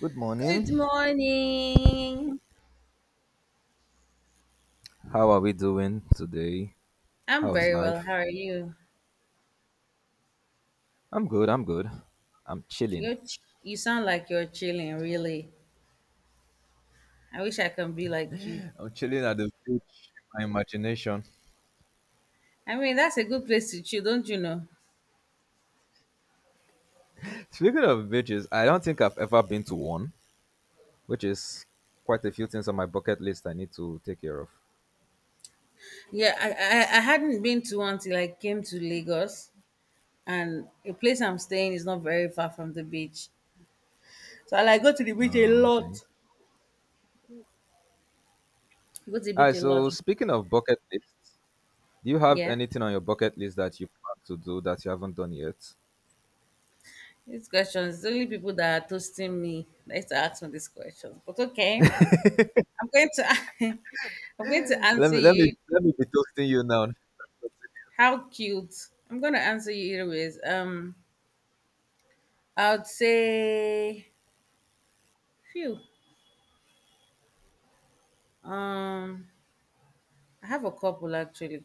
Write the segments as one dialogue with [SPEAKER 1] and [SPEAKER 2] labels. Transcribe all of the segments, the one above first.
[SPEAKER 1] Good
[SPEAKER 2] Good
[SPEAKER 1] morning.
[SPEAKER 2] morning.
[SPEAKER 1] How are we doing today?
[SPEAKER 2] I'm
[SPEAKER 1] How's
[SPEAKER 2] very well. How
[SPEAKER 1] life?
[SPEAKER 2] are you?
[SPEAKER 1] I'm good. I'm good. I'm chilling.
[SPEAKER 2] You sound like you're chilling, really. I wish I can be like you.
[SPEAKER 1] I'm chilling at the beach. My imagination.
[SPEAKER 2] I mean, that's a good place to chill, don't you know?
[SPEAKER 1] Speaking of beaches, I don't think I've ever been to one, which is quite a few things on my bucket list I need to take care of.
[SPEAKER 2] Yeah, I hadn't been to one till I came to Lagos, and the place I'm staying is not very far from the beach. So I like go to the beach a
[SPEAKER 1] Oh,
[SPEAKER 2] lot.
[SPEAKER 1] okay.
[SPEAKER 2] Go to the
[SPEAKER 1] All
[SPEAKER 2] beach
[SPEAKER 1] right.
[SPEAKER 2] a lot.
[SPEAKER 1] So speaking of bucket lists, do you have
[SPEAKER 2] Yeah.
[SPEAKER 1] anything on your bucket list that you plan to do that you haven't done yet?
[SPEAKER 2] These questions, it's only people that are toasting me that used to ask me these questions. But okay, I'm going to I'm going to
[SPEAKER 1] Let
[SPEAKER 2] answer
[SPEAKER 1] me let me
[SPEAKER 2] you.
[SPEAKER 1] let me be toasting you now.
[SPEAKER 2] How cute. I'm gonna answer you either ways. I'd say phew. Um I have a couple actually.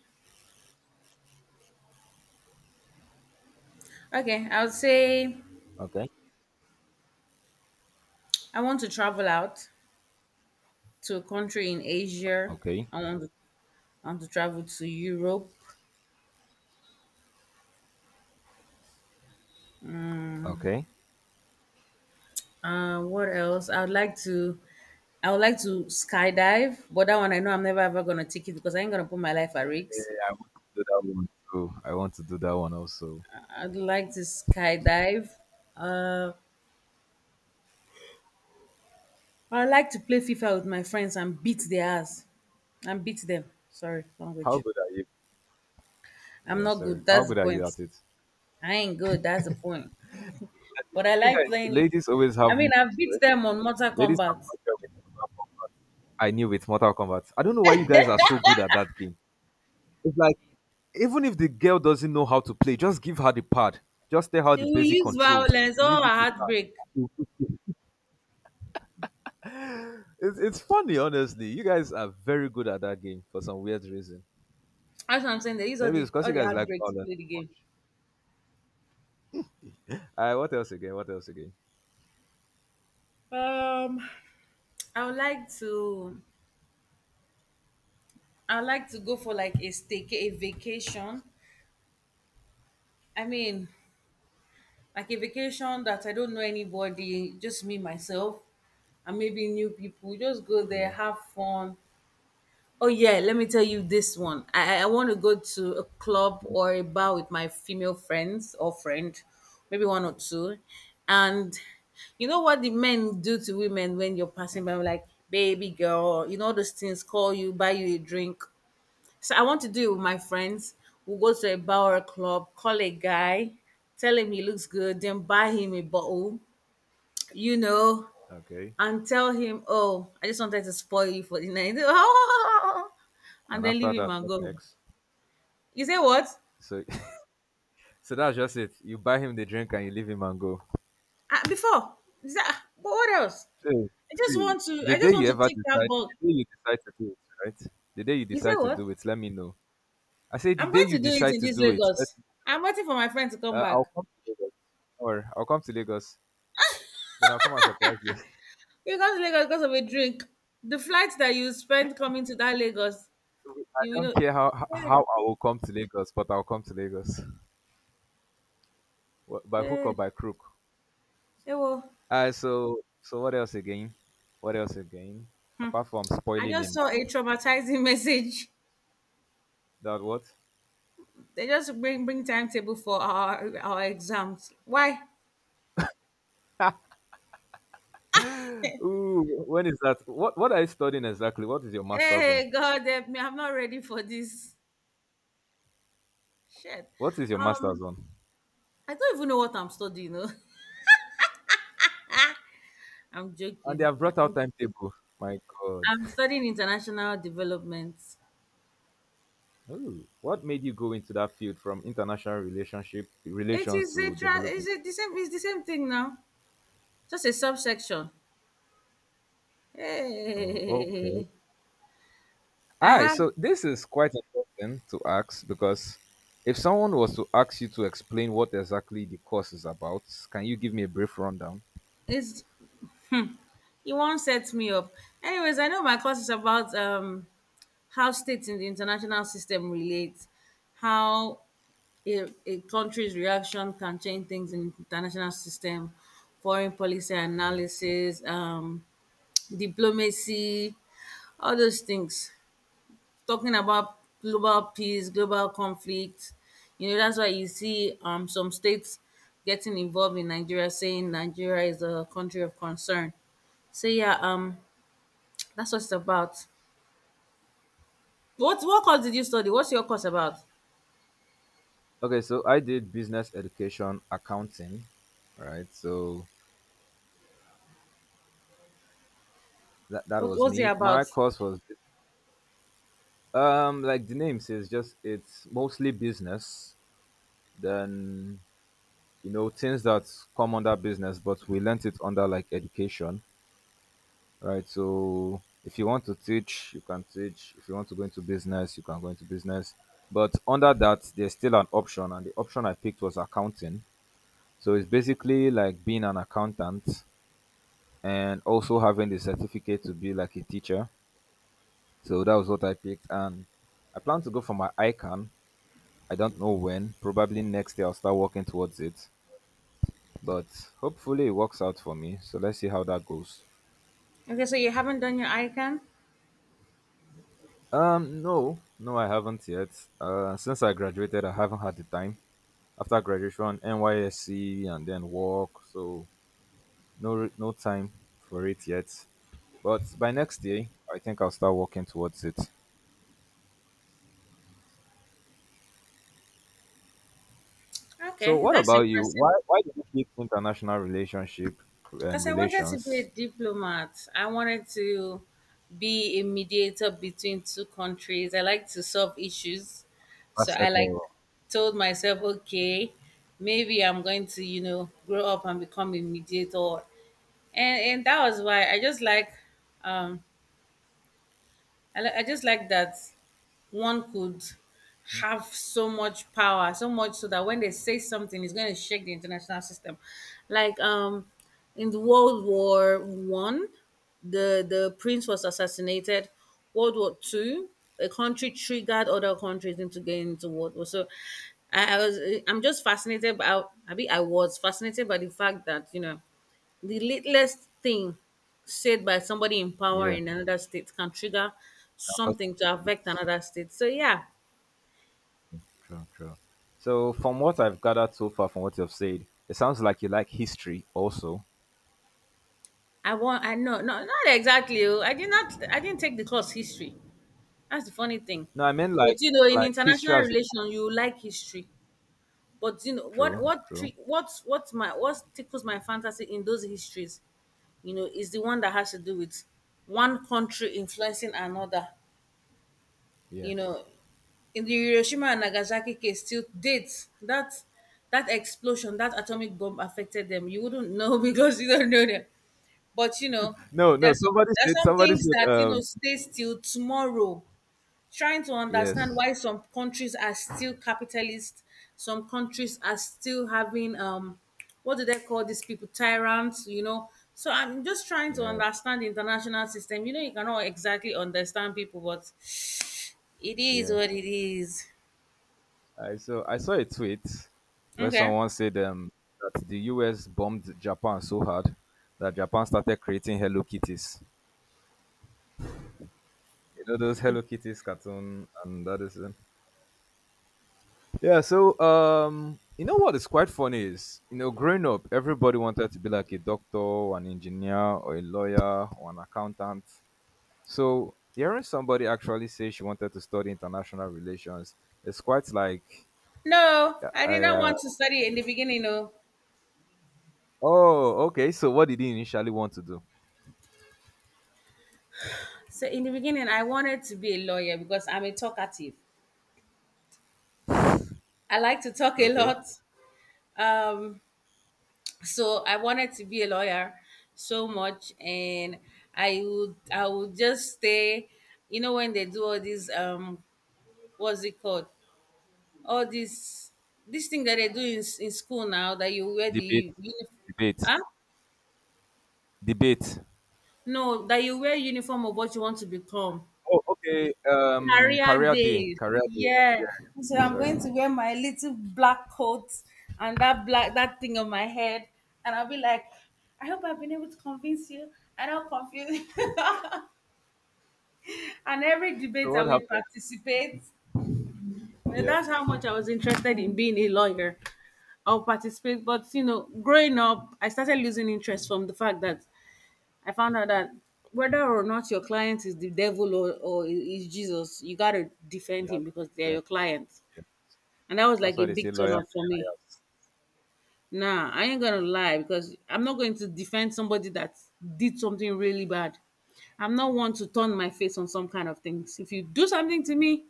[SPEAKER 2] Okay, I would say
[SPEAKER 1] Okay.
[SPEAKER 2] I want to travel out to a country in Asia.
[SPEAKER 1] Okay.
[SPEAKER 2] I want to I want to travel to Europe.
[SPEAKER 1] Okay.
[SPEAKER 2] What else? I would like to skydive, but that one I know I'm never ever gonna take it because I ain't gonna put my life at
[SPEAKER 1] Yeah,
[SPEAKER 2] risk.
[SPEAKER 1] I want to do that one too. I want to do that one also.
[SPEAKER 2] I'd like to skydive. Uh, I like to play FIFA with my friends and beat their ass. And beat them. Sorry,
[SPEAKER 1] How
[SPEAKER 2] language.
[SPEAKER 1] good are you?
[SPEAKER 2] I'm
[SPEAKER 1] Yeah,
[SPEAKER 2] not
[SPEAKER 1] sorry.
[SPEAKER 2] good.
[SPEAKER 1] How
[SPEAKER 2] That's the
[SPEAKER 1] good are you
[SPEAKER 2] point.
[SPEAKER 1] at it?
[SPEAKER 2] I ain't good. That's the point. But I
[SPEAKER 1] You
[SPEAKER 2] like
[SPEAKER 1] guys,
[SPEAKER 2] playing it.
[SPEAKER 1] ladies always have
[SPEAKER 2] I
[SPEAKER 1] more
[SPEAKER 2] mean, I've
[SPEAKER 1] to
[SPEAKER 2] beat
[SPEAKER 1] it.
[SPEAKER 2] them on Mortal
[SPEAKER 1] Ladies have
[SPEAKER 2] Kombat.
[SPEAKER 1] more to it with Mortal Kombat. I knew with Mortal Kombat. I don't know why you guys are so good at that game. It's like even if the girl doesn't know how to play, just give her the pad. Just tell her
[SPEAKER 2] They
[SPEAKER 1] the
[SPEAKER 2] will
[SPEAKER 1] basic
[SPEAKER 2] use
[SPEAKER 1] controls.
[SPEAKER 2] violence or
[SPEAKER 1] Leave
[SPEAKER 2] a
[SPEAKER 1] it with
[SPEAKER 2] heartbreak.
[SPEAKER 1] her. It's funny, honestly. You guys are very good at that game for some weird reason.
[SPEAKER 2] That's what I'm saying. They use all
[SPEAKER 1] Maybe it's
[SPEAKER 2] the
[SPEAKER 1] because you
[SPEAKER 2] all the
[SPEAKER 1] guys like
[SPEAKER 2] heartbreak to
[SPEAKER 1] violence
[SPEAKER 2] play the
[SPEAKER 1] too much.
[SPEAKER 2] game.
[SPEAKER 1] All right, what else again? What else again?
[SPEAKER 2] Um, I would like to. I would like to go for like a stay a vacation. I mean, like a vacation that I don't know anybody, just me myself, and maybe new people. Just go there,
[SPEAKER 1] Yeah.
[SPEAKER 2] have fun. Oh yeah, let me tell you this one. I want to go to a club or a bar with my female friends or friend, maybe one or two, and you know what the men do to women when you're passing by, like baby girl, you know all those things, call you, buy you a drink. So I want to do it with my friends. We'll go to a bar or a club, call a guy, tell him he looks good, then buy him a bottle, you know,
[SPEAKER 1] Okay.
[SPEAKER 2] and tell him, oh, I just wanted to spoil you for the night. And
[SPEAKER 1] And
[SPEAKER 2] then
[SPEAKER 1] after
[SPEAKER 2] leave him
[SPEAKER 1] that,
[SPEAKER 2] and
[SPEAKER 1] what
[SPEAKER 2] go home.
[SPEAKER 1] next?
[SPEAKER 2] You say what?
[SPEAKER 1] So, so that's just it. You buy him the drink and you leave him and go.
[SPEAKER 2] Ah, before. You say, "Ah, but what else?
[SPEAKER 1] So,
[SPEAKER 2] I just
[SPEAKER 1] see,
[SPEAKER 2] want to
[SPEAKER 1] the
[SPEAKER 2] I
[SPEAKER 1] day
[SPEAKER 2] just want
[SPEAKER 1] you
[SPEAKER 2] to
[SPEAKER 1] ever
[SPEAKER 2] take that
[SPEAKER 1] decide,
[SPEAKER 2] bug.
[SPEAKER 1] the day you decide to do it, right? The day you
[SPEAKER 2] You say
[SPEAKER 1] decide to
[SPEAKER 2] what?
[SPEAKER 1] do it, let me know. I say the
[SPEAKER 2] I'm
[SPEAKER 1] day
[SPEAKER 2] going
[SPEAKER 1] you
[SPEAKER 2] to do it
[SPEAKER 1] decide
[SPEAKER 2] in
[SPEAKER 1] to
[SPEAKER 2] this
[SPEAKER 1] do it, let,
[SPEAKER 2] Lagos. I'm waiting for my friend to come
[SPEAKER 1] I'll
[SPEAKER 2] back.
[SPEAKER 1] come to Lagos, or I'll come to Lagos. Then I'll come and surprise you.
[SPEAKER 2] You got to Lagos because of a drink. The flight that you spent coming to that Lagos.
[SPEAKER 1] I
[SPEAKER 2] You will
[SPEAKER 1] don't
[SPEAKER 2] not.
[SPEAKER 1] care how how
[SPEAKER 2] Yeah,
[SPEAKER 1] how I will come to Lagos, but I'll come to Lagos. By hook
[SPEAKER 2] yeah.
[SPEAKER 1] or by crook.
[SPEAKER 2] They will.
[SPEAKER 1] So what else again? What else again?
[SPEAKER 2] Hmm.
[SPEAKER 1] Apart from
[SPEAKER 2] I
[SPEAKER 1] spoiling a
[SPEAKER 2] just saw a
[SPEAKER 1] man,
[SPEAKER 2] traumatizing message.
[SPEAKER 1] that what?
[SPEAKER 2] They just bring timetable for our exams. Why?
[SPEAKER 1] Ooh, when is that? What are you studying exactly? What is your master's on?
[SPEAKER 2] Hey, God help me! I'm not ready for this shit.
[SPEAKER 1] What is your master's
[SPEAKER 2] Um,
[SPEAKER 1] on?
[SPEAKER 2] I don't even know what I'm studying. No, I'm
[SPEAKER 1] And they
[SPEAKER 2] joking.
[SPEAKER 1] have brought out timetable. My God.
[SPEAKER 2] I'm studying international development.
[SPEAKER 1] Ooh, what made you go into that field from international
[SPEAKER 2] It
[SPEAKER 1] relations
[SPEAKER 2] is a
[SPEAKER 1] to
[SPEAKER 2] tra- Is
[SPEAKER 1] development?
[SPEAKER 2] it the same? It's the same thing now. Just a subsection.
[SPEAKER 1] Oh, okay.
[SPEAKER 2] Hey, I
[SPEAKER 1] Alright,
[SPEAKER 2] have
[SPEAKER 1] so this is quite important to ask because if someone was to ask you to explain what exactly the course is about, can you give me a brief rundown?
[SPEAKER 2] is. You won't set me up. Anyways, I know my course is about how states in the international system relate, how a country's reaction can change things in international system, foreign policy
[SPEAKER 1] Yeah.
[SPEAKER 2] analysis, diplomacy, all those things. Talking about global peace, global conflict. You know, that's why you see some states getting involved in Nigeria, saying Nigeria is a country of concern. So yeah, that's what it's about. What course did you study? What's your course about?
[SPEAKER 1] Okay, so I did business education accounting, right? So that
[SPEAKER 2] What
[SPEAKER 1] was
[SPEAKER 2] what's it
[SPEAKER 1] me. My
[SPEAKER 2] about?
[SPEAKER 1] course was like the name says, just it's mostly business. Then you know things that come under business, but we learnt it under like education, right? So if you want to teach, you can teach. If you want to go into business, you can go into business. But under that, there's still an option, and the option I picked was accounting. So it's basically like being an accountant and also having the certificate to be like a teacher. So that was what I picked, and I plan to go for my ICANN. I don't know when. Probably next year I'll start working towards it, but hopefully it works out for me. So let's see how that goes.
[SPEAKER 2] Okay, so you haven't done your ICANN?
[SPEAKER 1] No, no, I haven't yet. Since I graduated, I haven't had the time. After graduation, NYSC and then work, so no, no time for it yet. But by next year, I think I'll start working towards it. So,
[SPEAKER 2] Okay,
[SPEAKER 1] what
[SPEAKER 2] that's
[SPEAKER 1] about you?
[SPEAKER 2] impressive.
[SPEAKER 1] Why did you pick international
[SPEAKER 2] Because I wanted to be
[SPEAKER 1] relations?
[SPEAKER 2] a diplomat. I wanted to be a mediator between two countries. I like to solve issues. So I like
[SPEAKER 1] Ambassador.
[SPEAKER 2] told myself, okay, maybe I'm going to, grow up and become a mediator, and that was why I just like um that one could
[SPEAKER 1] Mhm.
[SPEAKER 2] have so much power, so much so that when they say something, it's going to shake the international system. Like in the World War One, the prince was assassinated. World War Two, a country triggered other countries into getting into World War. So I, I was I'm just fascinated by I was fascinated by the fact that you know the littlest thing said by somebody in power
[SPEAKER 1] Yeah,
[SPEAKER 2] in another state can trigger
[SPEAKER 1] of course.
[SPEAKER 2] something to affect another state. So yeah,
[SPEAKER 1] True, true. So, from what I've gathered so far, from what you've said, it sounds like you like history also.
[SPEAKER 2] I know no not exactly. Oh, I didn't take the course history. That's the funny thing.
[SPEAKER 1] No, I mean
[SPEAKER 2] But you know, in
[SPEAKER 1] like history
[SPEAKER 2] international
[SPEAKER 1] as a whole.
[SPEAKER 2] relations, you like history. But you know
[SPEAKER 1] True,
[SPEAKER 2] what
[SPEAKER 1] true.
[SPEAKER 2] tri- what my what tickles my fantasy in those histories, you know, is the one that has to do with one country influencing another, you
[SPEAKER 1] Yes.
[SPEAKER 2] know in the Hiroshima and Nagasaki case. Till date that explosion, that atomic bomb affected them, you wouldn't know because you don't know them, but you know
[SPEAKER 1] No, no.
[SPEAKER 2] there's
[SPEAKER 1] Somebody said.
[SPEAKER 2] some
[SPEAKER 1] Somebody
[SPEAKER 2] things
[SPEAKER 1] said.
[SPEAKER 2] that stays till tomorrow, trying to understand
[SPEAKER 1] Yes.
[SPEAKER 2] why some countries are still capitalist, some countries are still having what do they call these people, tyrants, you know. So I'm just trying to
[SPEAKER 1] Yeah.
[SPEAKER 2] understand the international system. You know, you cannot exactly understand people, but it is
[SPEAKER 1] Yeah.
[SPEAKER 2] what it is.
[SPEAKER 1] I saw. I saw a tweet where
[SPEAKER 2] Okay.
[SPEAKER 1] someone said that the U.S. bombed Japan so hard that Japan started creating Hello Kitties. You know those Hello Kitties cartoon and that is. Yeah, so you know what is quite funny is, you know, growing up, everybody wanted to be like a doctor, or an engineer, or a lawyer, or an accountant. So hearing somebody actually say she wanted to study international relations, it's quite like,
[SPEAKER 2] No,
[SPEAKER 1] I,
[SPEAKER 2] I did not
[SPEAKER 1] uh,
[SPEAKER 2] want to study in the beginning. No.
[SPEAKER 1] oh, okay. So what did he initially want to do?
[SPEAKER 2] So in the beginning, I wanted to be a lawyer because I'm a talkative. I like to talk a
[SPEAKER 1] Okay,
[SPEAKER 2] lot. Um, so I wanted to be a lawyer so much, and I would just stay, you know, when they do all these what's it called, all this thing that they do in school now, that you wear
[SPEAKER 1] debate,
[SPEAKER 2] the uniform,
[SPEAKER 1] debate,
[SPEAKER 2] huh?
[SPEAKER 1] debate.
[SPEAKER 2] No, that you wear uniform of what you want to become.
[SPEAKER 1] Oh, okay.
[SPEAKER 2] Career
[SPEAKER 1] Career day,
[SPEAKER 2] days.
[SPEAKER 1] career day.
[SPEAKER 2] Yeah.
[SPEAKER 1] Yeah,
[SPEAKER 2] So I'm
[SPEAKER 1] sorry.
[SPEAKER 2] going to wear my little black coat and that thing on my head. And I'll be like, I hope I've been able to convince you. I don't confuse you. And every
[SPEAKER 1] So
[SPEAKER 2] debate I
[SPEAKER 1] what
[SPEAKER 2] will
[SPEAKER 1] happened?
[SPEAKER 2] participate. And
[SPEAKER 1] Yeah,
[SPEAKER 2] that's how much I was interested in being a lawyer. I'll participate. But you know, growing up, I started losing interest from the fact that I found out that whether or not your client is the devil, or is Jesus, you gotta defend
[SPEAKER 1] yeah.
[SPEAKER 2] him because they're your clients. And that was
[SPEAKER 1] That's
[SPEAKER 2] like
[SPEAKER 1] why
[SPEAKER 2] a
[SPEAKER 1] they say
[SPEAKER 2] big turn
[SPEAKER 1] lawyers
[SPEAKER 2] off
[SPEAKER 1] are
[SPEAKER 2] for me.
[SPEAKER 1] liars.
[SPEAKER 2] Nah, I ain't gonna lie because I'm not going to defend somebody that did something really bad. I'm not one to turn my face on some kind of things. If you do something to me,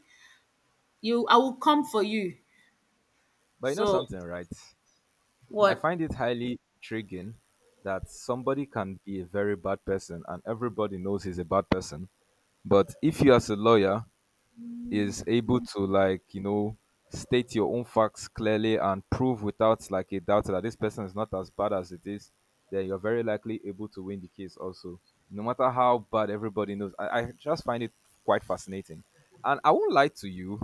[SPEAKER 2] you I will come for you.
[SPEAKER 1] But you know
[SPEAKER 2] So
[SPEAKER 1] something, right? I
[SPEAKER 2] what?
[SPEAKER 1] find it highly intriguing that somebody can be a very bad person and everybody knows he's a bad person. But if you as a lawyer is able to like, you know, state your own facts clearly and prove without like a doubt that this person is not as bad as it is, then you're very likely able to win the case also. No matter how bad everybody knows. I just find it quite fascinating. And I won't lie to you,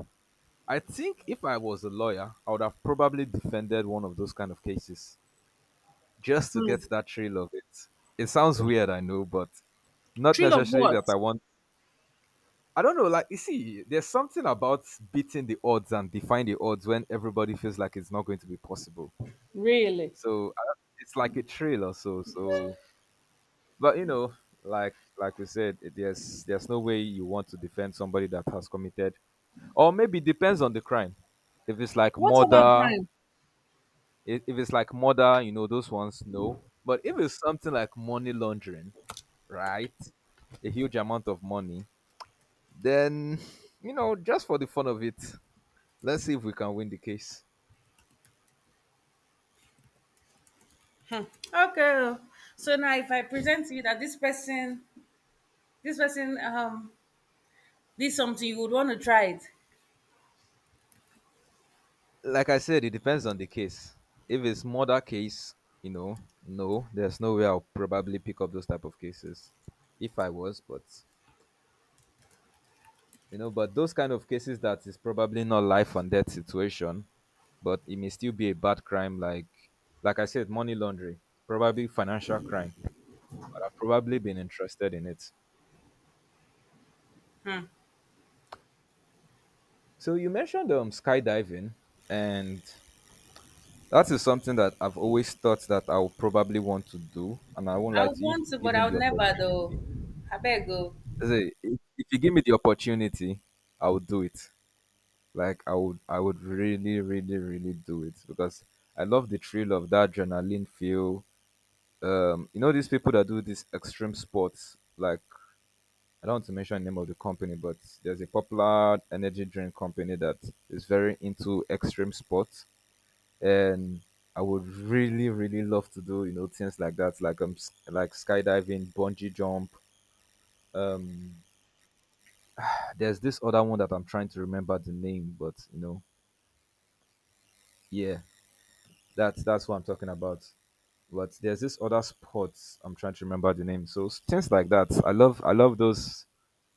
[SPEAKER 1] I think if I was a lawyer, I would have probably defended one of those kind of cases just to
[SPEAKER 2] Hmm.
[SPEAKER 1] get that thrill of it. It sounds weird, I know, but not
[SPEAKER 2] Thrill of
[SPEAKER 1] necessarily that I
[SPEAKER 2] what?
[SPEAKER 1] want. I don't know, like you see, there's something about beating the odds and defying the odds when everybody feels like it's not going to be possible.
[SPEAKER 2] Really?
[SPEAKER 1] So I don't- it's like a thrill or so. So, but you know, like we said, there's no way you want to defend somebody that has committed, or maybe depends on the crime. If it's like
[SPEAKER 2] What about
[SPEAKER 1] murder
[SPEAKER 2] crime?
[SPEAKER 1] if it's like murder, you know, those ones, no. But if it's something like money laundering, right? A huge amount of money, then, you know, just for the fun of it, let's see if we can win the case.
[SPEAKER 2] Okay. So now if I present to you that this person did something, you would want to try it.
[SPEAKER 1] Like I said, it depends on the case. If it's murder case, you know, no, there's no way I'll probably pick up those type of cases if I was, but you know but those kind of cases that is probably not life and death situation but it may still be a bad crime like I said money laundering probably financial crime but I've probably been interested in it.
[SPEAKER 2] Hmm.
[SPEAKER 1] So you mentioned skydiving and that is something that I've always thought that I'll probably want to do and I won't lie
[SPEAKER 2] I would
[SPEAKER 1] to you
[SPEAKER 2] want
[SPEAKER 1] if
[SPEAKER 2] to, but I
[SPEAKER 1] given
[SPEAKER 2] would
[SPEAKER 1] the opportunity,
[SPEAKER 2] never though. I beg go.
[SPEAKER 1] if you give me the opportunity I'll do it. Like I would really really really do it because I love the thrill of that adrenaline feel. You know these people that do these extreme sports, like I don't want to mention the name of the company, but there's a popular energy drink company that is very into extreme sports. And I would really really love to do you know things like that, like like skydiving, bungee jump, um there's this other one that I'm trying to remember the name but you know, yeah, that's what I'm talking about. But there's this other sports I'm trying to remember the name. So things like that. I love those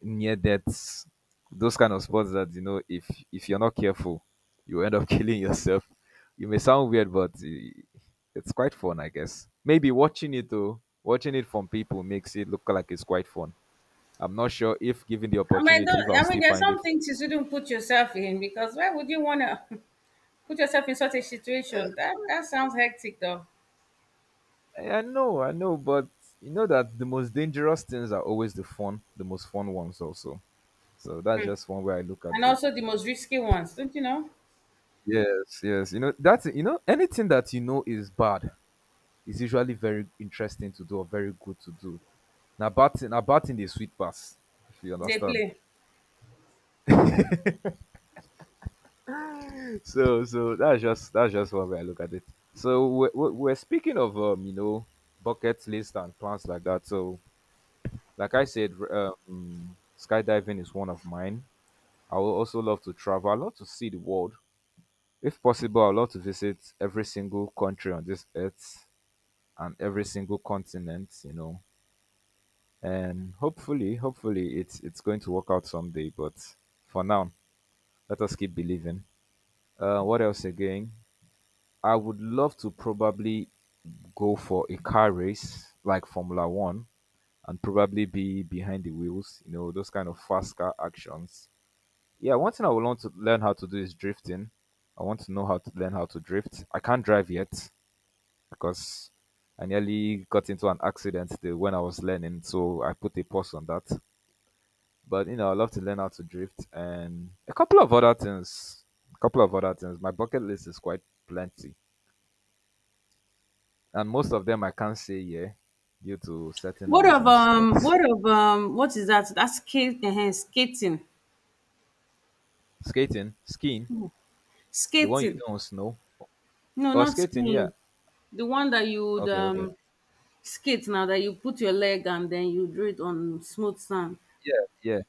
[SPEAKER 1] near deaths, those kind of sports that you know if you're not careful, you end up killing yourself. You may sound weird, but it's quite fun, I guess. Maybe watching it though, watching it from people makes it look like it's quite fun. I'm not sure if given the
[SPEAKER 2] I mean,
[SPEAKER 1] opportunity, if
[SPEAKER 2] don't,
[SPEAKER 1] I'll
[SPEAKER 2] I mean,
[SPEAKER 1] still
[SPEAKER 2] there's
[SPEAKER 1] find it.
[SPEAKER 2] some things you shouldn't put yourself in, because why would you want to put yourself in such a situation? That sounds hectic though,
[SPEAKER 1] I know, I know, but you know that the most dangerous things are always the fun, the most fun ones also. So that's just one way I look at
[SPEAKER 2] and
[SPEAKER 1] it.
[SPEAKER 2] also the most risky ones, don't you know?
[SPEAKER 1] Yes, yes. You know, that's you know, anything that you know is bad is usually very interesting to do or very good to do. Now batting the sweet pass, if you
[SPEAKER 2] They
[SPEAKER 1] understand.
[SPEAKER 2] play.
[SPEAKER 1] So so that's just one way I look at it. So we're speaking of you know, bucket list and plans like that. So like I said, skydiving is one of mine. I would also love to travel. I love to see the world. If possible, I'd love to visit every single country on this earth and every single continent, you know. And hopefully, hopefully it's going to work out someday. But for now, let us keep believing. What else again? I would love to probably go for a car race like Formula One and probably be behind the wheels, you know, those kind of fast car actions. Yeah, one thing I would want to learn how to do is drifting. I want to know how to learn how to drift. I can't drive yet, because I nearly got into an accident the, when I was learning, so I put a pause on that. But you know, I love to learn how to drift and a couple of other things. A couple of other things. My bucket list is quite plenty, and most of them I can't say yeah due to certain reasons. But
[SPEAKER 2] What is that? That's skating.
[SPEAKER 1] skating, skiing, the one you
[SPEAKER 2] Skating.
[SPEAKER 1] do on snow,
[SPEAKER 2] No,
[SPEAKER 1] or
[SPEAKER 2] not
[SPEAKER 1] skating, yeah.
[SPEAKER 2] skiing. The one that you would
[SPEAKER 1] Okay, okay,
[SPEAKER 2] skate now, that you put your leg and then you do it on smooth sand.
[SPEAKER 1] yeah, yeah.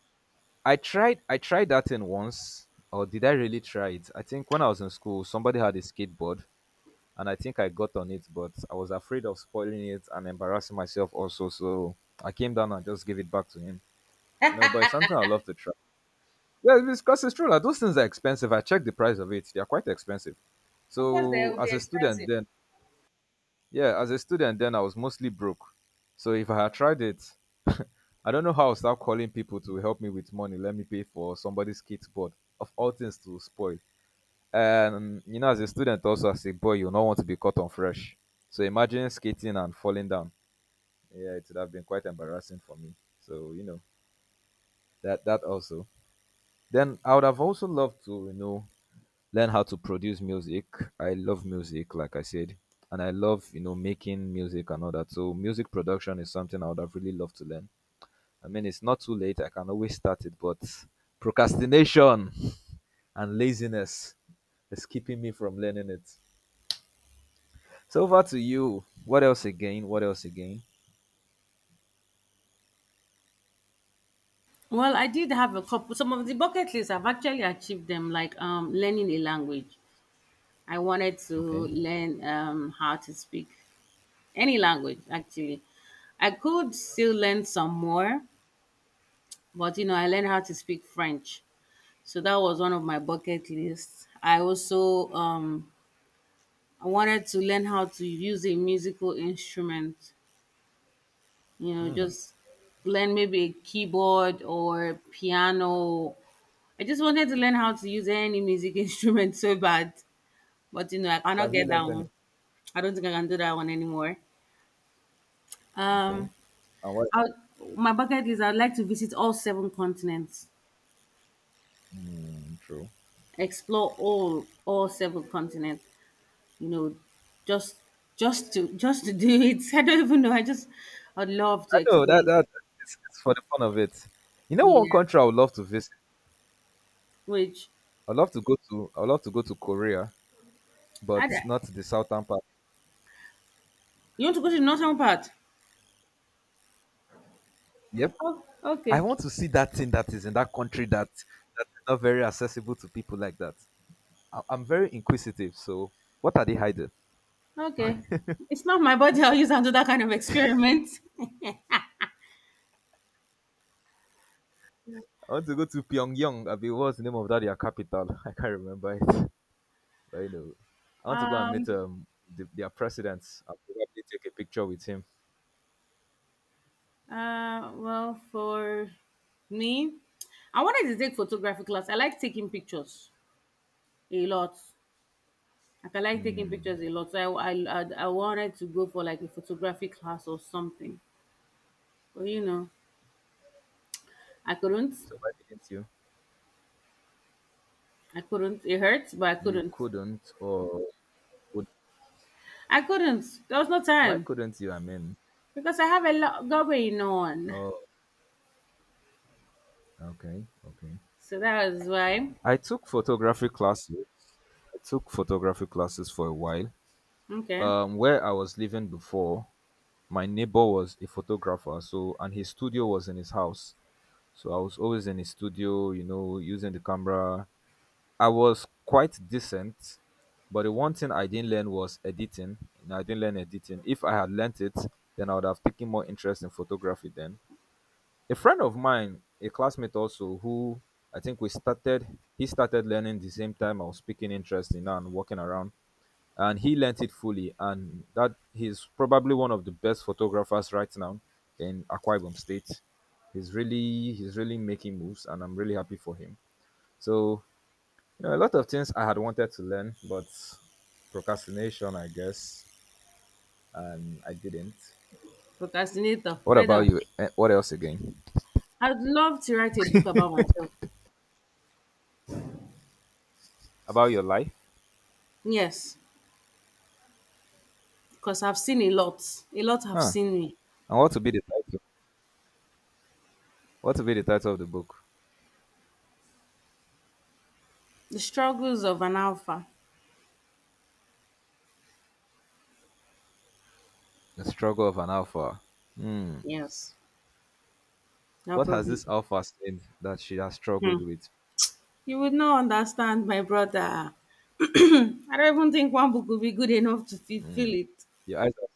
[SPEAKER 1] I tried that in once, or did I really try it? I think when I was in school, somebody had a skateboard and I think I got on it, but I was afraid of spoiling it and embarrassing myself also, so I came down and just gave it back to him. You know, but it's something I love to try. Yeah, because it's true. Like, those things are expensive. I checked the price of it; they are quite expensive.
[SPEAKER 2] Of course, they
[SPEAKER 1] So
[SPEAKER 2] will be
[SPEAKER 1] as a student,
[SPEAKER 2] expensive.
[SPEAKER 1] then yeah, as a student, then I was mostly broke. So if I had tried it, I don't know how I'll start calling people to help me with money. Let me pay for somebody's kid's board of all things to spoil. You know, as a student, also as a boy, you not want to be caught on fresh, so imagine skating and falling down, yeah, it would have been quite embarrassing for me. So you know, that also, then I would have also loved to, you know, learn how to produce music. I love music, like I said, and I love, you know, making music and all that. So music production is something I would have really loved to learn. I mean, it's not too late, I can always start it, but procrastination and laziness is keeping me from learning it. So over to you. What else again? What else again?
[SPEAKER 2] Well, I did have a couple. Some of the bucket lists I've actually achieved them, like learning a language. I wanted to
[SPEAKER 1] Okay.
[SPEAKER 2] learn how to speak any language. Actually, I could still learn some more, but you know, I learned how to speak French. So that was one of my bucket lists. I also I wanted to learn how to use a musical instrument. You know,
[SPEAKER 1] Hmm.
[SPEAKER 2] just learn maybe a keyboard or piano. I just wanted to learn how to use any music instrument so bad, but you know I
[SPEAKER 1] So
[SPEAKER 2] cannot
[SPEAKER 1] have you
[SPEAKER 2] get that
[SPEAKER 1] learned
[SPEAKER 2] one.
[SPEAKER 1] anything?
[SPEAKER 2] I don't think I can do that one anymore.
[SPEAKER 1] Okay.
[SPEAKER 2] um
[SPEAKER 1] And what?
[SPEAKER 2] I, my bucket is I'd like to visit all seven continents,
[SPEAKER 1] Hmm. True.
[SPEAKER 2] explore all seven continents, you know, just just to do it. I don't even know, I just. I'd love
[SPEAKER 1] I
[SPEAKER 2] to
[SPEAKER 1] know
[SPEAKER 2] explore.
[SPEAKER 1] that that it's for the fun of it. You know, one
[SPEAKER 2] Yeah,
[SPEAKER 1] country I would love to visit.
[SPEAKER 2] which?
[SPEAKER 1] I'd love to go to. I'd love to go to Korea,
[SPEAKER 2] I
[SPEAKER 1] but not the southern part.
[SPEAKER 2] You want to go to the northern part?
[SPEAKER 1] Yep,
[SPEAKER 2] Oh,
[SPEAKER 1] I
[SPEAKER 2] okay.
[SPEAKER 1] want to see that thing that is in that country that that is not very accessible to people like that. I'm very inquisitive. So, what are they hiding?
[SPEAKER 2] Okay. It's not my body I'll use and do that kind of experiment.
[SPEAKER 1] I want to go to Pyongyang. I mean, what's the name of that? Their capital? I can't remember it. But you know, I want to go and meet
[SPEAKER 2] Um,
[SPEAKER 1] the, their president and probably take a picture with him.
[SPEAKER 2] well, for me, I wanted to take photography class. I like taking pictures a lot. Like I like taking
[SPEAKER 1] Hmm.
[SPEAKER 2] pictures a lot. So I wanted to go for like a photography class or something. But you know, I couldn't.
[SPEAKER 1] So why didn't you?
[SPEAKER 2] I couldn't. It hurts, but I
[SPEAKER 1] You
[SPEAKER 2] couldn't.
[SPEAKER 1] couldn't, or would
[SPEAKER 2] I couldn't. There was no
[SPEAKER 1] why
[SPEAKER 2] time
[SPEAKER 1] couldn't you? I mean,
[SPEAKER 2] because I have a lot going on.
[SPEAKER 1] oh, okay, okay.
[SPEAKER 2] So that was why.
[SPEAKER 1] I took photography classes. I took photography classes for a while.
[SPEAKER 2] Okay.
[SPEAKER 1] Where I was living before, my neighbor was a photographer, so and his studio was in his house. So I was always in his studio, you know, using the camera, I was quite decent, but the one thing I didn't learn was editing. You know, I didn't learn editing. If I had learnt it, then I would have taken more interest in photography then. A friend of mine, a classmate also, who I think we started, he started learning the same time I was picking interest in and walking around. And he learnt it fully. And that he's probably one of the best photographers right now in Akwa Ibom State. He's really making moves, and I'm really happy for him. So you know, a lot of things I had wanted to learn, but procrastination, I guess, and I didn't.
[SPEAKER 2] Procrastinator.
[SPEAKER 1] What
[SPEAKER 2] Well
[SPEAKER 1] about
[SPEAKER 2] done.
[SPEAKER 1] you? Eh, what else again?
[SPEAKER 2] I'd love to write a book about myself.
[SPEAKER 1] About your life?
[SPEAKER 2] Yes, because I've seen a lot. A lot have
[SPEAKER 1] Huh?
[SPEAKER 2] seen me.
[SPEAKER 1] And what to be the title? What to be the title of the book?
[SPEAKER 2] The struggles of an alpha.
[SPEAKER 1] The struggle of an alpha. Hmm.
[SPEAKER 2] Yes, that
[SPEAKER 1] What has
[SPEAKER 2] probably.
[SPEAKER 1] this
[SPEAKER 2] Do.
[SPEAKER 1] alpha said that she has
[SPEAKER 2] Hmm.
[SPEAKER 1] struggled with?
[SPEAKER 2] You would not understand, my brother. I don't even think one book would be good enough to fulfill it.
[SPEAKER 1] Your eyes. Have...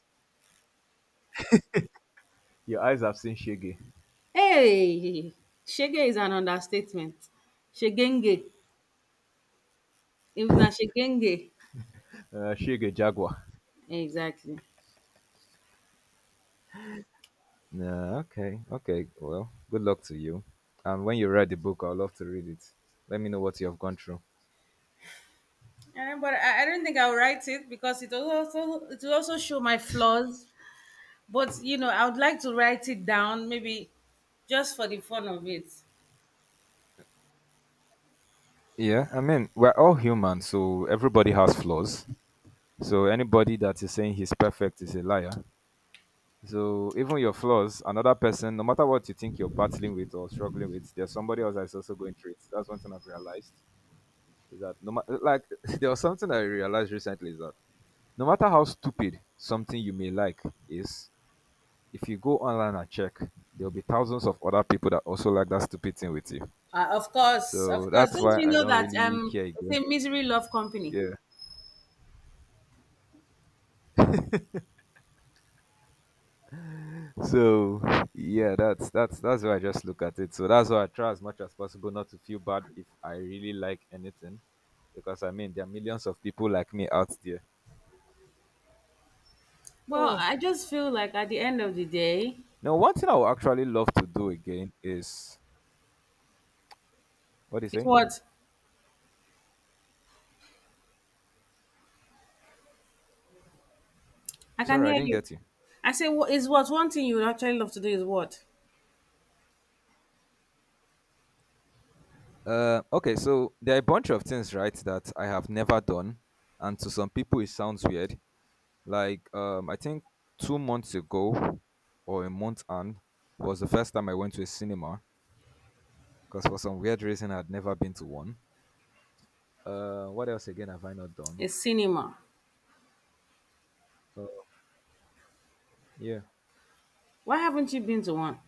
[SPEAKER 1] Your eyes have seen Shige.
[SPEAKER 2] Hey, Shege is an understatement. Shegenge. If not Shegenge.
[SPEAKER 1] Shige Jaguar.
[SPEAKER 2] Exactly.
[SPEAKER 1] Nah, okay. Okay. Well, good luck to you. And when you read the book, I'd love to read it. Let me know what you have gone through.
[SPEAKER 2] Eh, but I don't think I'll write it because it will also show my flaws. But you know, I would like to write it down, maybe just for the fun of it.
[SPEAKER 1] Yeah, I mean, we're all human, so everybody has flaws. So anybody that is saying he's perfect is a liar. So even your flaws, another person, no matter what you think you're battling with or struggling with, there's somebody else that's also going through it. That's one thing I've realized is that no matter like there was something I realized recently is that no matter how stupid something you may like is, if you go online and check, there'll be thousands of other people that also like that stupid thing with you.
[SPEAKER 2] Of course, of
[SPEAKER 1] So
[SPEAKER 2] course.
[SPEAKER 1] that's
[SPEAKER 2] Don't
[SPEAKER 1] why
[SPEAKER 2] you
[SPEAKER 1] I
[SPEAKER 2] know
[SPEAKER 1] don't
[SPEAKER 2] that
[SPEAKER 1] really care
[SPEAKER 2] they
[SPEAKER 1] again.
[SPEAKER 2] say misery love company?
[SPEAKER 1] Yeah. So yeah, that's how I just look at it. So that's why I try as much as possible not to feel bad if I really like anything, because I mean there are millions of people like me out there.
[SPEAKER 2] Well,
[SPEAKER 1] Oh.
[SPEAKER 2] I just feel like at the end of the day,
[SPEAKER 1] Now, one thing I would actually love to do again is what do you
[SPEAKER 2] it's
[SPEAKER 1] say?
[SPEAKER 2] what I can
[SPEAKER 1] Sorry, I
[SPEAKER 2] hear
[SPEAKER 1] didn't
[SPEAKER 2] you.
[SPEAKER 1] get you.
[SPEAKER 2] I say, what is what one thing you would actually love to do is what
[SPEAKER 1] Okay, so there are a bunch of things, right, that I have never done, and to some people it sounds weird. Like, I think 2 months ago or a month and was the first time I went to a cinema because for some weird reason I'd never been to one. What else again have I not done?
[SPEAKER 2] is cinema.
[SPEAKER 1] Uh, yeah,
[SPEAKER 2] Why haven't you been to one?